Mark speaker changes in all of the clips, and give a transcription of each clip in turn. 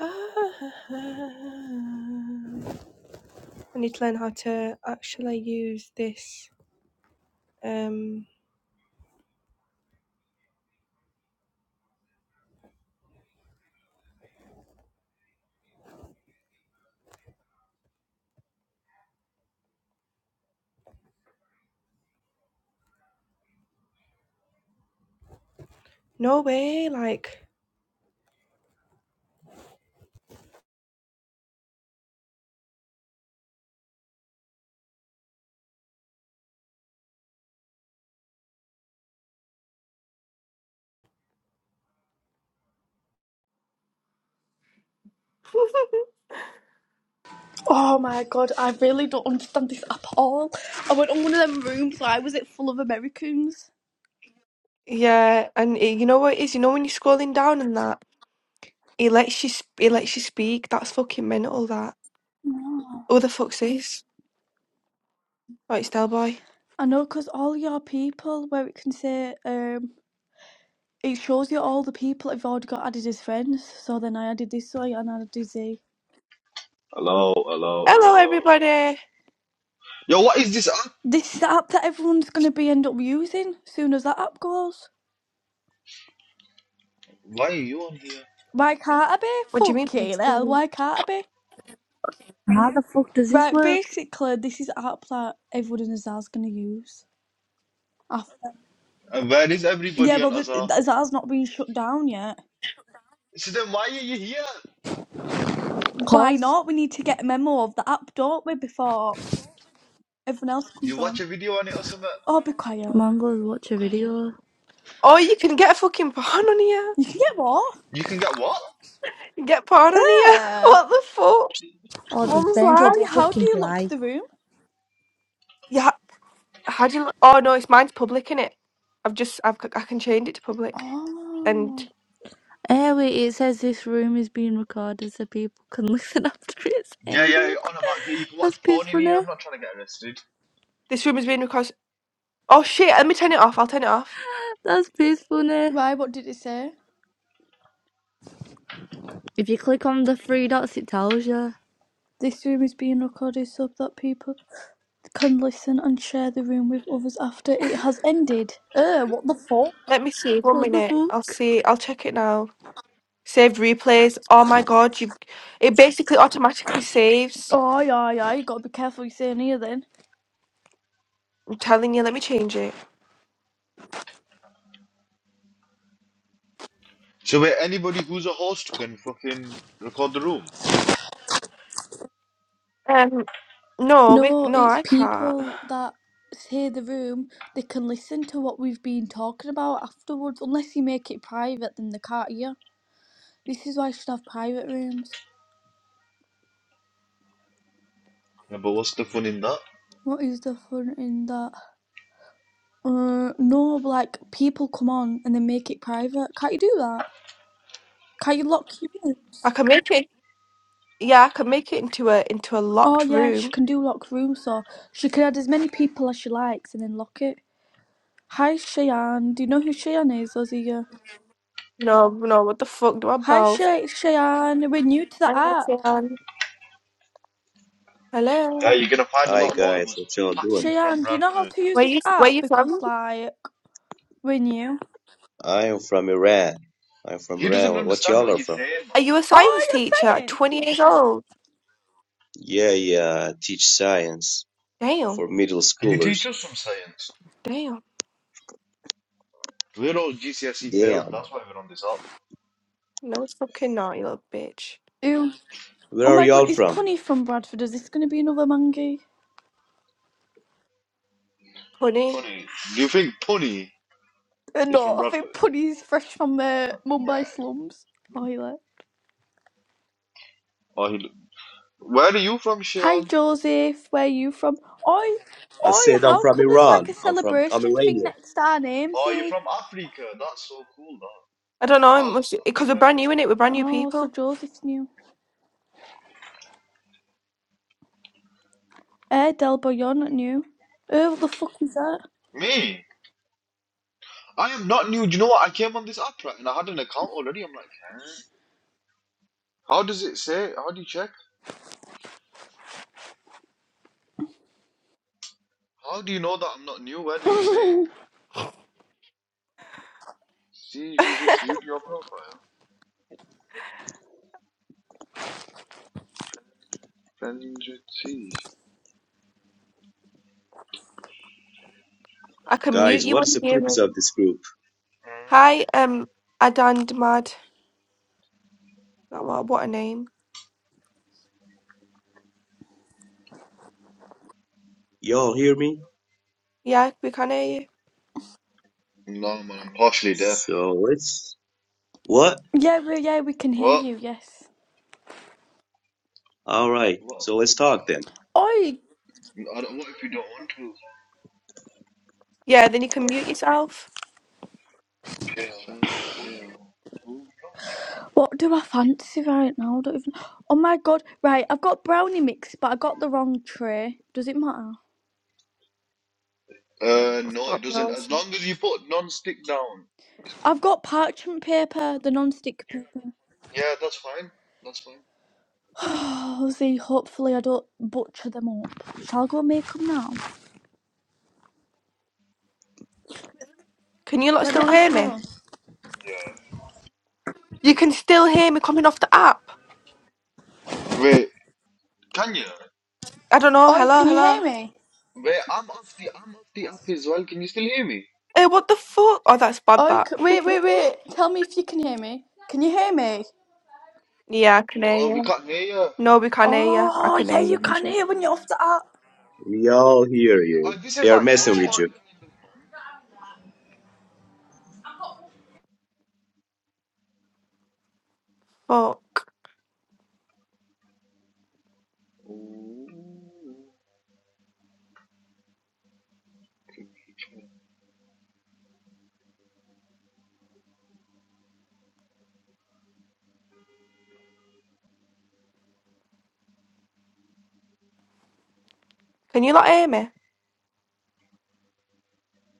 Speaker 1: I need to learn how to actually use this. Um, no way, like
Speaker 2: Oh my god, I really don't understand this at all. I went on one of them rooms, why was it full of Americans?
Speaker 1: yeah, and it, you know what it is? You know when you're scrolling down and that it lets you sp- it lets you speak. That's fucking mental. That
Speaker 2: No.
Speaker 1: who the fuck's this? Oh, it's Delboy.
Speaker 2: I know, because all your people, where it can say, um, it shows you all the people that have already got added as friends. So then I added this way and I added Z.
Speaker 3: Hello, hello,
Speaker 1: Hello,
Speaker 3: hello.
Speaker 1: everybody.
Speaker 3: Yo, what is this app?
Speaker 2: This is the app that everyone's going to be end up using soon as that app goes.
Speaker 3: Why are you on here?
Speaker 2: Why can't I be?
Speaker 1: What do you mean? It's
Speaker 2: Fucking hell,
Speaker 1: Del-
Speaker 2: why can't I be?
Speaker 4: How the fuck does this
Speaker 2: Right,
Speaker 4: work?
Speaker 2: basically, this is app that everyone in Azar's going to use. After.
Speaker 3: And where is
Speaker 2: Yeah,
Speaker 3: everybody on
Speaker 2: well,
Speaker 3: Azar?
Speaker 2: the, Azar's not been shut down yet.
Speaker 3: So then why are you here?
Speaker 2: Why
Speaker 4: Cause
Speaker 2: not? We need to get a memo of the app, don't we, before everyone else comes
Speaker 3: You watch
Speaker 2: on.
Speaker 3: a video on it or something?
Speaker 2: Oh, be quiet.
Speaker 4: Mongols watch a video.
Speaker 1: Oh, you can get a fucking porn on here.
Speaker 2: You can get what?
Speaker 3: You can get what?
Speaker 1: You can get porn on here.
Speaker 2: Yeah.
Speaker 1: What the fuck?
Speaker 4: Oh, this
Speaker 1: Mum's
Speaker 4: banjo
Speaker 2: Oh,
Speaker 4: the
Speaker 1: like.
Speaker 2: yeah, how do
Speaker 4: fucking
Speaker 2: you lock
Speaker 4: fly.
Speaker 2: the room?
Speaker 1: yeah, How do you? l- Oh no, it's mine's public in it. I've just I've c- I can change it to public, and
Speaker 2: Oh.
Speaker 4: Eh, wait, it says this room is being recorded so people can listen after it's
Speaker 3: Yeah, yeah,
Speaker 4: ended.
Speaker 3: you're on about here. You can
Speaker 4: That's
Speaker 3: watch porn in
Speaker 4: peaceful,
Speaker 3: here.
Speaker 4: eh?
Speaker 3: I'm not trying to get arrested.
Speaker 1: this room has been recorded. Oh shit! Let me turn it off. I'll turn it off.
Speaker 4: That's peaceful, eh?
Speaker 2: Why? What did it say?
Speaker 4: If you click on the three dots, it tells you.
Speaker 2: This room is being recorded so that people can listen and share the room with others after it has ended. Uh, what the fuck?
Speaker 1: Let me see. One
Speaker 4: What the
Speaker 1: minute. I'll
Speaker 4: fuck?
Speaker 1: see. I'll check it now. Saved replays. Oh my god! You, it basically automatically saves.
Speaker 2: Oh, yeah, yeah, you gotta be careful what you say in here then.
Speaker 1: I'm telling you. Let me change it.
Speaker 3: So wait, anybody who's a host can fucking record the room.
Speaker 1: Um, no, we
Speaker 2: No,
Speaker 1: no,
Speaker 2: it's
Speaker 1: I can't.
Speaker 2: people that say the room, they can listen to what we've been talking about afterwards. Unless you make it private, then they can't hear. This is why you should have private rooms.
Speaker 3: Yeah, but what's the fun in that?
Speaker 2: What is the fun in that? Uh, no, but, like people come on and they make it private. Can't you do that? Can't you lock your
Speaker 1: I
Speaker 2: rooms?
Speaker 1: can make it. Yeah, I can make it into a into a
Speaker 2: Oh
Speaker 1: locked
Speaker 2: yeah, she
Speaker 1: room.
Speaker 2: can do lock rooms, so she can add as many people as she likes and then lock it. Hi Cheyenne, do you know who Cheyenne is? Or is he, uh...
Speaker 1: No, no. What the fuck do I
Speaker 2: Hi
Speaker 1: balls?
Speaker 2: Che- Cheyenne, we're new to
Speaker 1: Hi,
Speaker 2: the app.
Speaker 1: Alfian.
Speaker 3: Yeah,
Speaker 1: Hello.
Speaker 3: you're gonna find a
Speaker 5: Hi
Speaker 3: lot more of
Speaker 5: guys,
Speaker 3: us
Speaker 5: what y'all doing?
Speaker 3: patties from
Speaker 2: Cheyenne, do you know how
Speaker 3: Bradford.
Speaker 2: to use
Speaker 1: Where
Speaker 2: this
Speaker 1: you Where
Speaker 2: app?
Speaker 1: you
Speaker 2: Because
Speaker 1: from?
Speaker 2: like we knew.
Speaker 5: I am from Iran. I'm from
Speaker 3: He
Speaker 5: Iran.
Speaker 3: doesn't
Speaker 5: What, what
Speaker 3: understand
Speaker 5: y'all
Speaker 3: what
Speaker 5: are
Speaker 3: you're
Speaker 5: from?
Speaker 3: saying, man.
Speaker 1: Are you a
Speaker 2: Oh,
Speaker 1: science teacher
Speaker 2: your
Speaker 1: at
Speaker 2: science
Speaker 1: 20 years
Speaker 2: teacher.
Speaker 1: old?
Speaker 5: Yeah, yeah, I teach science for
Speaker 1: Damn,
Speaker 5: middle
Speaker 3: Can you teach
Speaker 5: schoolers.
Speaker 3: us some science?
Speaker 1: damn.
Speaker 3: We're all GCSE failed,
Speaker 5: Damn.
Speaker 3: that's why we're on this app.
Speaker 1: No, it's fucking not, you little bitch.
Speaker 2: Ew.
Speaker 5: Where
Speaker 2: Oh
Speaker 5: are
Speaker 2: my god,
Speaker 5: y'all
Speaker 2: is
Speaker 5: from?
Speaker 2: Punny from Bradford? Is this going to be another mangy?
Speaker 1: Honey,
Speaker 3: Punny. Do you think punny
Speaker 2: Uh,
Speaker 3: He's from
Speaker 2: no, I think
Speaker 3: Bradford.
Speaker 2: Punny's fresh from uh,
Speaker 3: Yeah.
Speaker 2: Mumbai slums. Toilet.
Speaker 3: Oh, he, where are you from,
Speaker 2: Hi
Speaker 3: Sean?
Speaker 2: Joseph, where are you from? Oi,
Speaker 5: I
Speaker 2: oi,
Speaker 5: said I'm
Speaker 2: how
Speaker 5: from
Speaker 2: come there's like a
Speaker 5: Iran. I'm from I'm
Speaker 2: celebration thing
Speaker 5: Iranian.
Speaker 2: next to our names
Speaker 3: Oh, you're
Speaker 2: eh?
Speaker 3: from Africa. That's so cool, though.
Speaker 1: I don't know, it
Speaker 3: How
Speaker 1: must because we're
Speaker 3: Africa?
Speaker 1: brand new in it, we're brand new
Speaker 2: Oh, so
Speaker 1: people.
Speaker 2: Joseph's new. Eh, Delbo, you're not new. Oh, what the fuck is that?
Speaker 3: Me? I am not new. Do you know what? I came on this app right, and I had an account already. I'm like, huh? how does it say? How do you check? How do you know that I'm not new? Where does it say? it? See who just viewed your profile. Friends should see.
Speaker 1: I can mute
Speaker 5: Guys,
Speaker 1: you
Speaker 5: what is
Speaker 1: on
Speaker 5: the
Speaker 1: here.
Speaker 5: purpose
Speaker 1: man.
Speaker 5: of this group?
Speaker 1: Hi, um, Adan Mad. What, what a name.
Speaker 5: Y'all hear me?
Speaker 1: Yeah, we can hear you.
Speaker 3: Mm. No, man, I'm partially deaf.
Speaker 5: So let's what?
Speaker 2: Yeah, we yeah, we can hear
Speaker 3: What?
Speaker 2: you, yes.
Speaker 5: All right.
Speaker 3: What?
Speaker 5: So let's talk then.
Speaker 2: Oi,
Speaker 3: I don't, what if you don't want to?
Speaker 1: Yeah, then you can mute yourself.
Speaker 3: So pale. Who knows?
Speaker 2: What do I fancy right now? I don't even. Oh my god! Right, I've got brownie mix, but I got the wrong tray. Does it matter?
Speaker 3: Uh, no,
Speaker 1: Oh,
Speaker 3: it doesn't.
Speaker 1: nice.
Speaker 3: As long as you put non-stick down, it's
Speaker 2: I've
Speaker 3: cool.
Speaker 2: got parchment paper, the non-stick paper.
Speaker 3: Yeah, that's fine. That's fine.
Speaker 2: Oh, see, hopefully I don't butcher them up. Shall I go and make them now?
Speaker 1: Can you lot
Speaker 2: Let me
Speaker 1: still hear
Speaker 2: ask my
Speaker 1: me?
Speaker 2: mum.
Speaker 3: Yeah.
Speaker 1: You can still hear me coming off the app.
Speaker 3: Wait, can you?
Speaker 1: I don't know.
Speaker 2: Oh, you-
Speaker 1: Hello,
Speaker 2: can you
Speaker 1: hello.
Speaker 2: hear me?
Speaker 3: Wait, I'm off the I'm off the app as well. Can you still hear me?
Speaker 1: Hey, what the fuck? Oh, that's bad.
Speaker 2: Oh, you
Speaker 1: That.
Speaker 2: can, wait, wait, wait. Tell me if you can hear me. Can you hear me?
Speaker 1: yeah, I can hear
Speaker 3: Oh, we
Speaker 1: you.
Speaker 3: can't hear you.
Speaker 1: No, we can't hear you. I
Speaker 2: Oh,
Speaker 1: can
Speaker 2: yeah,
Speaker 1: hear you.
Speaker 2: you can
Speaker 1: Angela.
Speaker 2: hear when you're off the app.
Speaker 5: We all hear
Speaker 3: Oh,
Speaker 5: you.
Speaker 3: this is
Speaker 5: They are
Speaker 3: like
Speaker 5: messing
Speaker 3: house
Speaker 5: with you.
Speaker 3: party kind of
Speaker 1: Fuck.
Speaker 3: man. Ooh.
Speaker 1: Can you not hear me?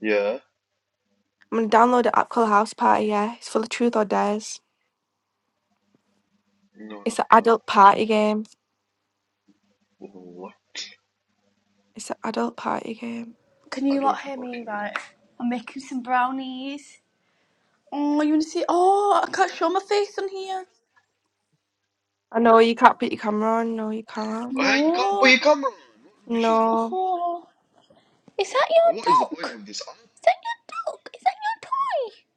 Speaker 3: Yeah.
Speaker 1: I'm gonna download an app called House Party. Yeah, it's full of truth or dares.
Speaker 3: No, no,
Speaker 1: It's an
Speaker 3: no.
Speaker 1: adult party game.
Speaker 3: What
Speaker 1: It's an adult party game.
Speaker 2: Can you
Speaker 3: adult
Speaker 2: lot hear me?
Speaker 3: party?
Speaker 2: Right, I'm making some brownies. Oh, you want to see? Oh, I can't show my face on here.
Speaker 1: I know you can't put your camera on. No, you can't.
Speaker 3: Hey, you can't put
Speaker 2: No.
Speaker 3: your camera on. What rubbish is that?
Speaker 1: No,
Speaker 2: Oh. Is that
Speaker 3: And What is the
Speaker 2: your dog?
Speaker 3: point of this app?
Speaker 2: Is that your dog? Is that your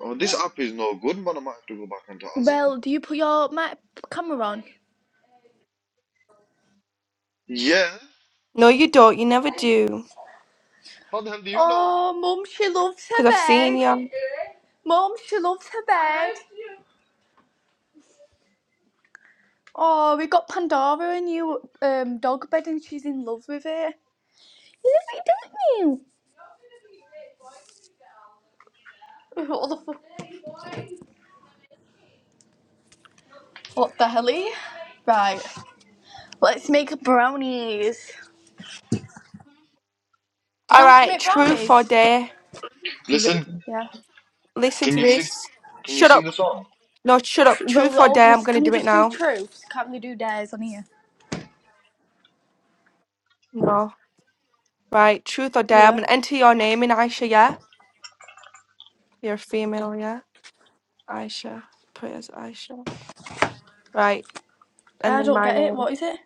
Speaker 3: Oh, this app is no good, man. I might have to go back into
Speaker 2: toy?
Speaker 3: Azure.
Speaker 2: Well, do you put your my camera on?
Speaker 3: Yeah.
Speaker 1: no, you don't. You never do.
Speaker 3: How the hell do you know?
Speaker 2: Oh, Mum, she loves her
Speaker 1: Cause I've seen
Speaker 2: bed.
Speaker 1: you.
Speaker 2: Mum, she loves her bed. Oh, we got Pandora a new um, dog bed and she's in love with it. Look, don't you? What the, fu- what the hell? eh? Right, let's make brownies. Do you
Speaker 1: All
Speaker 2: know how to
Speaker 1: right,
Speaker 2: make
Speaker 1: truth
Speaker 2: brownies?
Speaker 1: or dare. R-
Speaker 3: Listen.
Speaker 2: Yeah.
Speaker 1: Listen
Speaker 3: Can
Speaker 1: to
Speaker 3: you sing?
Speaker 1: this.
Speaker 3: Can you
Speaker 1: Shut
Speaker 3: sing
Speaker 1: up.
Speaker 3: a song?
Speaker 1: No, shut up.
Speaker 2: Tr- Well,
Speaker 1: Truth
Speaker 2: we're
Speaker 1: or
Speaker 2: all
Speaker 1: dare.
Speaker 2: gonna.
Speaker 1: I'm gonna
Speaker 2: Can we
Speaker 1: do it
Speaker 2: just do
Speaker 1: now.
Speaker 2: truths? Can't we do dares on here?
Speaker 1: No. Right, truth or dare. I'm
Speaker 2: Yeah.
Speaker 1: gonna enter your name in Aisha, yeah? You're a female, yeah? Aisha. Put it as Aisha. Right, and
Speaker 2: I
Speaker 1: then
Speaker 2: don't
Speaker 1: my
Speaker 2: get it.
Speaker 1: name.
Speaker 2: What is it?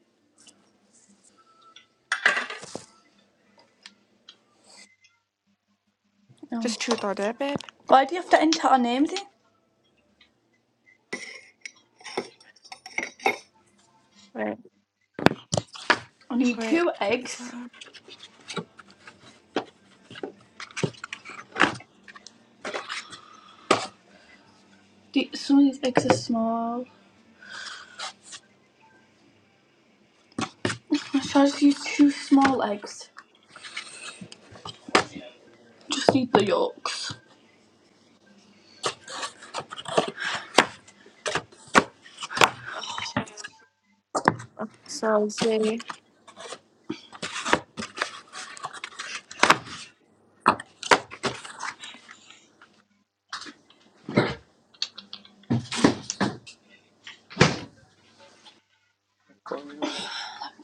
Speaker 2: No.
Speaker 1: Just truth or dare, babe.
Speaker 2: Why do you have to enter our names in?
Speaker 1: Wait,
Speaker 2: I need
Speaker 1: wait.
Speaker 2: two
Speaker 1: So,
Speaker 2: eggs. Some of these eggs are small. I should I just use two small eggs. Just need the yolks.
Speaker 1: so let's see.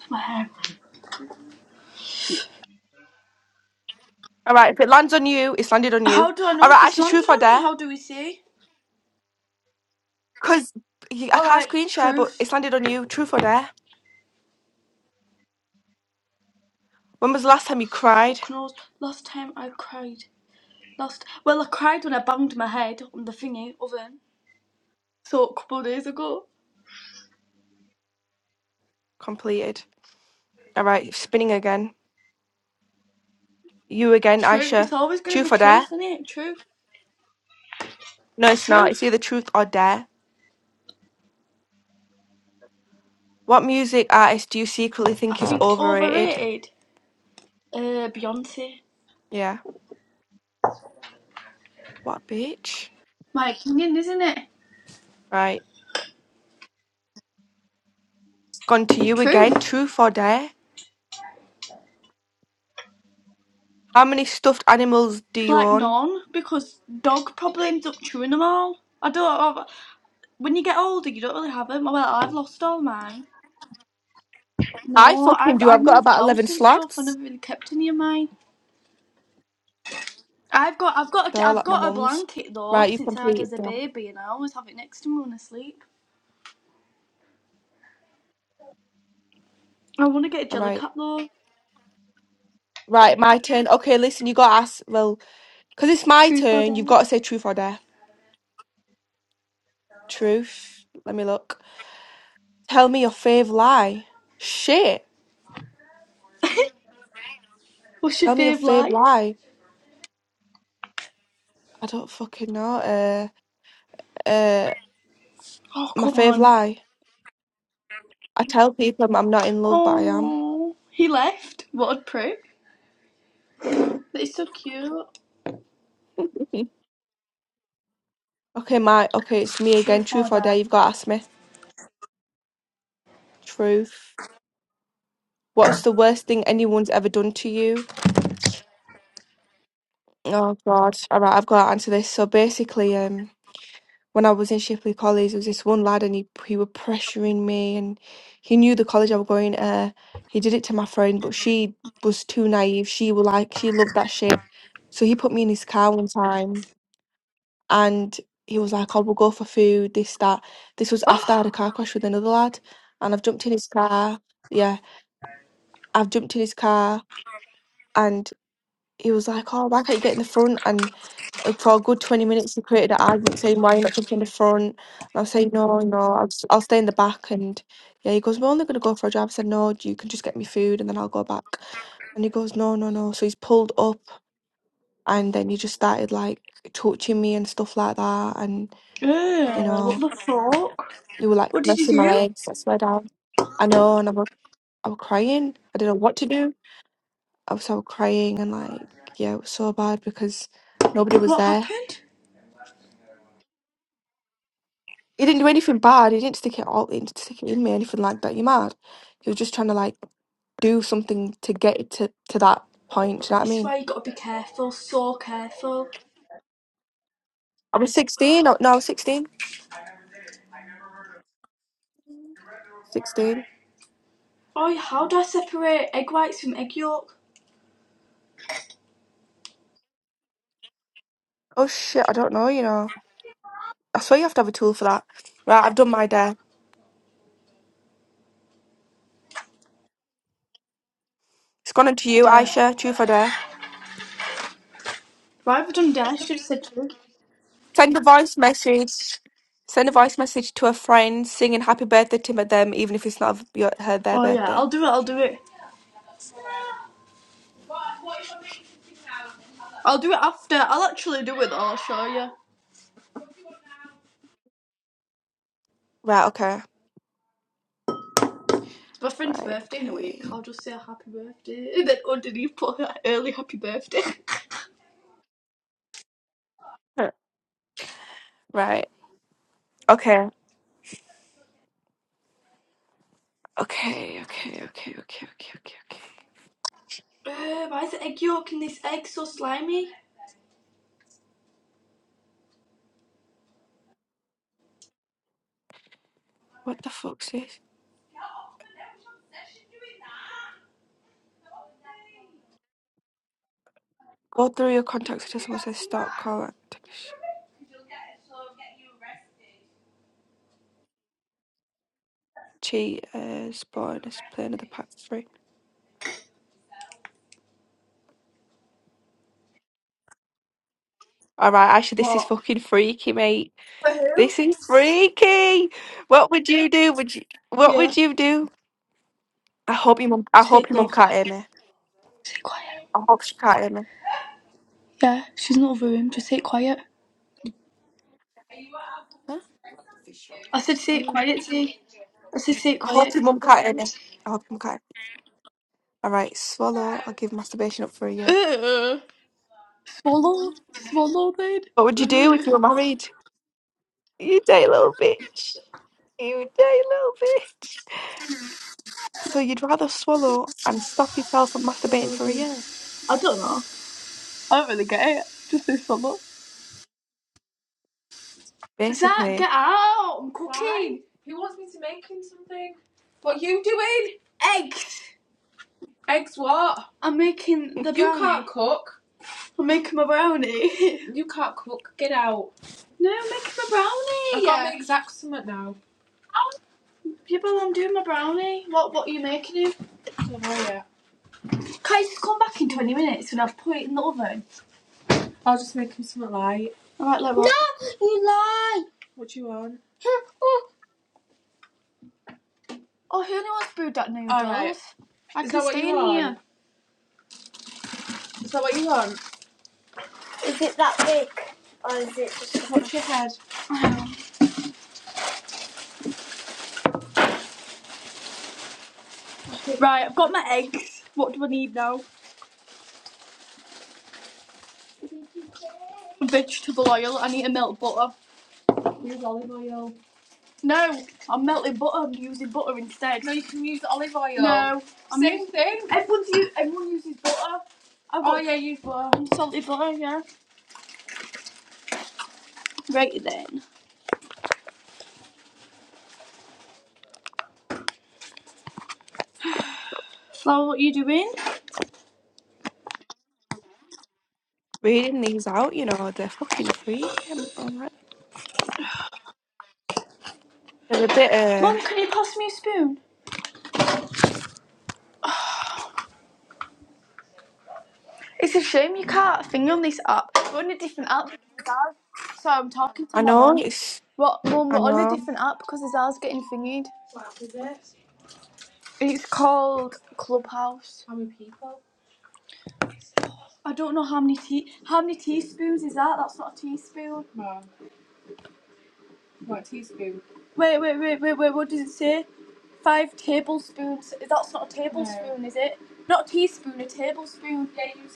Speaker 2: My hair.
Speaker 1: All right, if it lands on you, it's landed on
Speaker 2: How
Speaker 1: you.
Speaker 2: do I
Speaker 1: All
Speaker 2: know if
Speaker 1: right,
Speaker 2: it's
Speaker 1: Aisha,
Speaker 2: landed
Speaker 1: truth or
Speaker 2: on me?
Speaker 1: dare?
Speaker 2: How do we see?
Speaker 1: Because I can't
Speaker 2: Alright,
Speaker 1: screen share, but
Speaker 2: truth.
Speaker 1: it's landed on you. Truth or dare? When was the last time you cried?
Speaker 2: Fuck knows. Last time I cried. Last. Well, I cried when I banged my head on the thingy oven. So, a couple of days ago.
Speaker 1: Completed. All right, spinning again. You again,
Speaker 2: Truth. It's
Speaker 1: Aisha.
Speaker 2: always going to be
Speaker 1: Truth or
Speaker 2: truth,
Speaker 1: dare?
Speaker 2: isn't it? Truth.
Speaker 1: No, it's not. It's
Speaker 2: Truth.
Speaker 1: either truth or dare. What music artist do you secretly
Speaker 2: I
Speaker 1: think is
Speaker 2: think it's
Speaker 1: overrated?
Speaker 2: overrated. Uh, Beyonce.
Speaker 1: Yeah. What bitch?
Speaker 2: My opinion, isn't it?
Speaker 1: Right. It's gone to you
Speaker 2: Truth.
Speaker 1: again. Truth or dare? How many stuffed animals do you
Speaker 2: Like
Speaker 1: own?
Speaker 2: none, because dog probably ends up chewing them all. I don't. When you get older, you don't really have them. Well, I've lost all mine.
Speaker 1: I
Speaker 2: No,
Speaker 1: fucking
Speaker 2: I've
Speaker 1: do.
Speaker 2: I've
Speaker 1: I've got
Speaker 2: moved
Speaker 1: about 11
Speaker 2: house and stuff. I
Speaker 1: slots.
Speaker 2: never really kept any of mine. I've got I've got
Speaker 1: They're
Speaker 2: a,
Speaker 1: all
Speaker 2: I've
Speaker 1: at my
Speaker 2: got a
Speaker 1: mum's.
Speaker 2: blanket though
Speaker 1: Right, you've
Speaker 2: since I had as
Speaker 1: completed
Speaker 2: a
Speaker 1: that.
Speaker 2: baby, and I always have it next to me when I sleep. I want to get a
Speaker 1: All
Speaker 2: jelly
Speaker 1: right.
Speaker 2: cat though.
Speaker 1: Right, my turn. Okay, listen, you got to ask. Well, because it's my
Speaker 2: Truth or
Speaker 1: turn, you've
Speaker 2: dare?
Speaker 1: got to say truth or dare. Truth. Let me look. Tell me your fave lie. Shit.
Speaker 2: What's your
Speaker 1: Tell me your
Speaker 2: fave
Speaker 1: fave
Speaker 2: lie?
Speaker 1: lie. I don't fucking know. Uh, uh.
Speaker 2: Oh
Speaker 1: My
Speaker 2: come
Speaker 1: fave
Speaker 2: on.
Speaker 1: lie. I tell people I'm I'm not in love, but I am.
Speaker 2: Oh, he left. What a prick. But it's so cute.
Speaker 1: Okay, my okay, it's me
Speaker 2: True
Speaker 1: again.
Speaker 2: or
Speaker 1: Truth or dare?
Speaker 2: dare?
Speaker 1: You've got to ask me. Truth. What's the worst thing anyone's ever done to you? Oh God. All right, I've got to answer this. So basically, um, when I was in Shipley College, there was this one lad, and he he were pressuring me, and he knew the college I was going. Uh, he did it to my friend, but she was too naive. She was like, she loved that shit. So he put me in his car one time. and he was like, "Oh, we'll go for food, this, that." This was after I
Speaker 2: Oh,
Speaker 1: had a car crash with another lad, and I've jumped in his car. Yeah, I've jumped in his car, and he was like, "Oh, why can't you get in the front?" And uh, for a good twenty minutes, he created an argument saying, "Why are you not jumping in the front?" And I was saying, "No, no, I'll, s- I'll stay in the back." And yeah, he goes, "We're only gonna go for a drive." I said, "No, you can just get me food, and then I'll go back." And he goes, "No, no, no." So he's pulled up, and then he just started like touching me and stuff like that, and
Speaker 2: Ew,
Speaker 1: you know.
Speaker 2: what the fuck?
Speaker 1: It were like
Speaker 2: What did you
Speaker 1: caressing my
Speaker 2: do?
Speaker 1: legs. I swear down. I know, and I was, I was crying. I didn't know what to do. I was, I was crying, and like, yeah, it was so bad because nobody was
Speaker 2: What
Speaker 1: there.
Speaker 2: happened?
Speaker 1: He didn't do anything bad. He didn't stick it all in, stick it in me, anything like that. You mad? He was just trying to like do something to get it to to that point. Do You know what I
Speaker 2: This is
Speaker 1: mean?
Speaker 2: why you gotta be careful, so careful.
Speaker 1: I was sixteen. No, no, I was sixteen. Sixteen.
Speaker 2: Oh, how do I separate egg whites from egg yolk?
Speaker 1: Oh shit! I don't know. You know. I swear you have to have a tool for that. Right, I've done my dare. It's gone on to you,
Speaker 2: Dare.
Speaker 1: Aisha. True for dare.
Speaker 2: Why have I done dare? I should have said true.
Speaker 1: Send a voice message. Send a voice message to a friend singing happy birthday to them, even if it's not your, her their
Speaker 2: Oh yeah,
Speaker 1: birthday.
Speaker 2: I'll do it, I'll do it. I'll do it after. I'll actually do it though, I'll show you.
Speaker 1: Right, okay.
Speaker 2: It's my friend's
Speaker 1: Right,
Speaker 2: birthday in a week.
Speaker 1: okay.
Speaker 2: I'll just say happy birthday. And then underneath put an early happy birthday.
Speaker 1: Huh. Right. Okay. Okay, okay, okay, okay, okay, okay, okay.
Speaker 2: uh, why is the egg yolk in this egg so slimy?
Speaker 1: What the fuck's this? Go through your contacts until someone says stop, call it. Take a sh- Cheaters, bonus, play another pack for free. Alright, actually, this is
Speaker 2: What?
Speaker 1: fucking freaky, mate.
Speaker 2: For who?
Speaker 1: This is freaky. What would you do? Would you? What
Speaker 2: Yeah.
Speaker 1: would you do? I hope your mum. I
Speaker 2: say
Speaker 1: hope
Speaker 2: it
Speaker 1: your
Speaker 2: low,
Speaker 1: mum can't hear
Speaker 2: quiet,
Speaker 1: me.
Speaker 2: sit quiet.
Speaker 1: I hope she caught it.
Speaker 2: Yeah, she's not over him, just say it quiet.
Speaker 1: Huh?
Speaker 2: I said say it
Speaker 1: Mm.
Speaker 2: quiet, Say. I said say it
Speaker 1: I
Speaker 2: quiet.
Speaker 1: hope your mum caught it. I hope your mum caught it. All right, swallow. I'll give masturbation up for you.
Speaker 2: Uh, swallow, swallow then.
Speaker 1: What would you do
Speaker 2: Uh,
Speaker 1: if you were married? You dirty little bitch. You dirty little bitch. So you'd rather swallow and stop yourself from
Speaker 2: swallow
Speaker 1: masturbating for a
Speaker 2: then.
Speaker 1: year,
Speaker 2: I don't know. I don't really get it. Just say swallow. Zach,
Speaker 1: basically.
Speaker 2: get out! I'm cooking eggs. I'm making the brownie. You can't cook. I'm making my brownie. no, I'm making my brownie. I can't make Zach something now. Yeah, but I'm doing my brownie. What What are you making him? Can I just come back in 20 minutes when I've put it in the oven? I'll just make him something light. Alright, like what? No! What do you want? Oh, who only wants brewed that noodles? All right. I Is can that what stay you in want? Here. Is that what you want? What's your head? Oh. Right, I've got my eggs. What do I need now? Vegetable oil. I need to melt butter. Use olive oil. No, I'm melting butter. I'm using butter instead. No, you can use olive oil. No, I'm Same using. thing. Everyone's using. i Oh got yeah, use butter. salted butter. Yeah. Right then. Flour, what are you doing?
Speaker 1: reading these out, you know, they're fucking freaking. i They're a bit,
Speaker 2: Mum,
Speaker 1: uh,
Speaker 2: can you pass me a spoon? It's a shame you can't thing on this app. We're on a different app. So I'm talking to
Speaker 1: I
Speaker 2: my
Speaker 1: know,
Speaker 2: mum.
Speaker 1: it's,
Speaker 2: What, mum? We're
Speaker 1: I
Speaker 2: on a
Speaker 1: know.
Speaker 2: different app because his ours getting thingied. It's called Clubhouse. How many people? I don't know how many tea how many teaspoons is that? That's not a teaspoon. No, What teaspoon. Wait, wait, wait, wait, wait. What does it say? Five tablespoons. That's not a tablespoon, no. is it? Not a teaspoon, a tablespoon. Yeah, you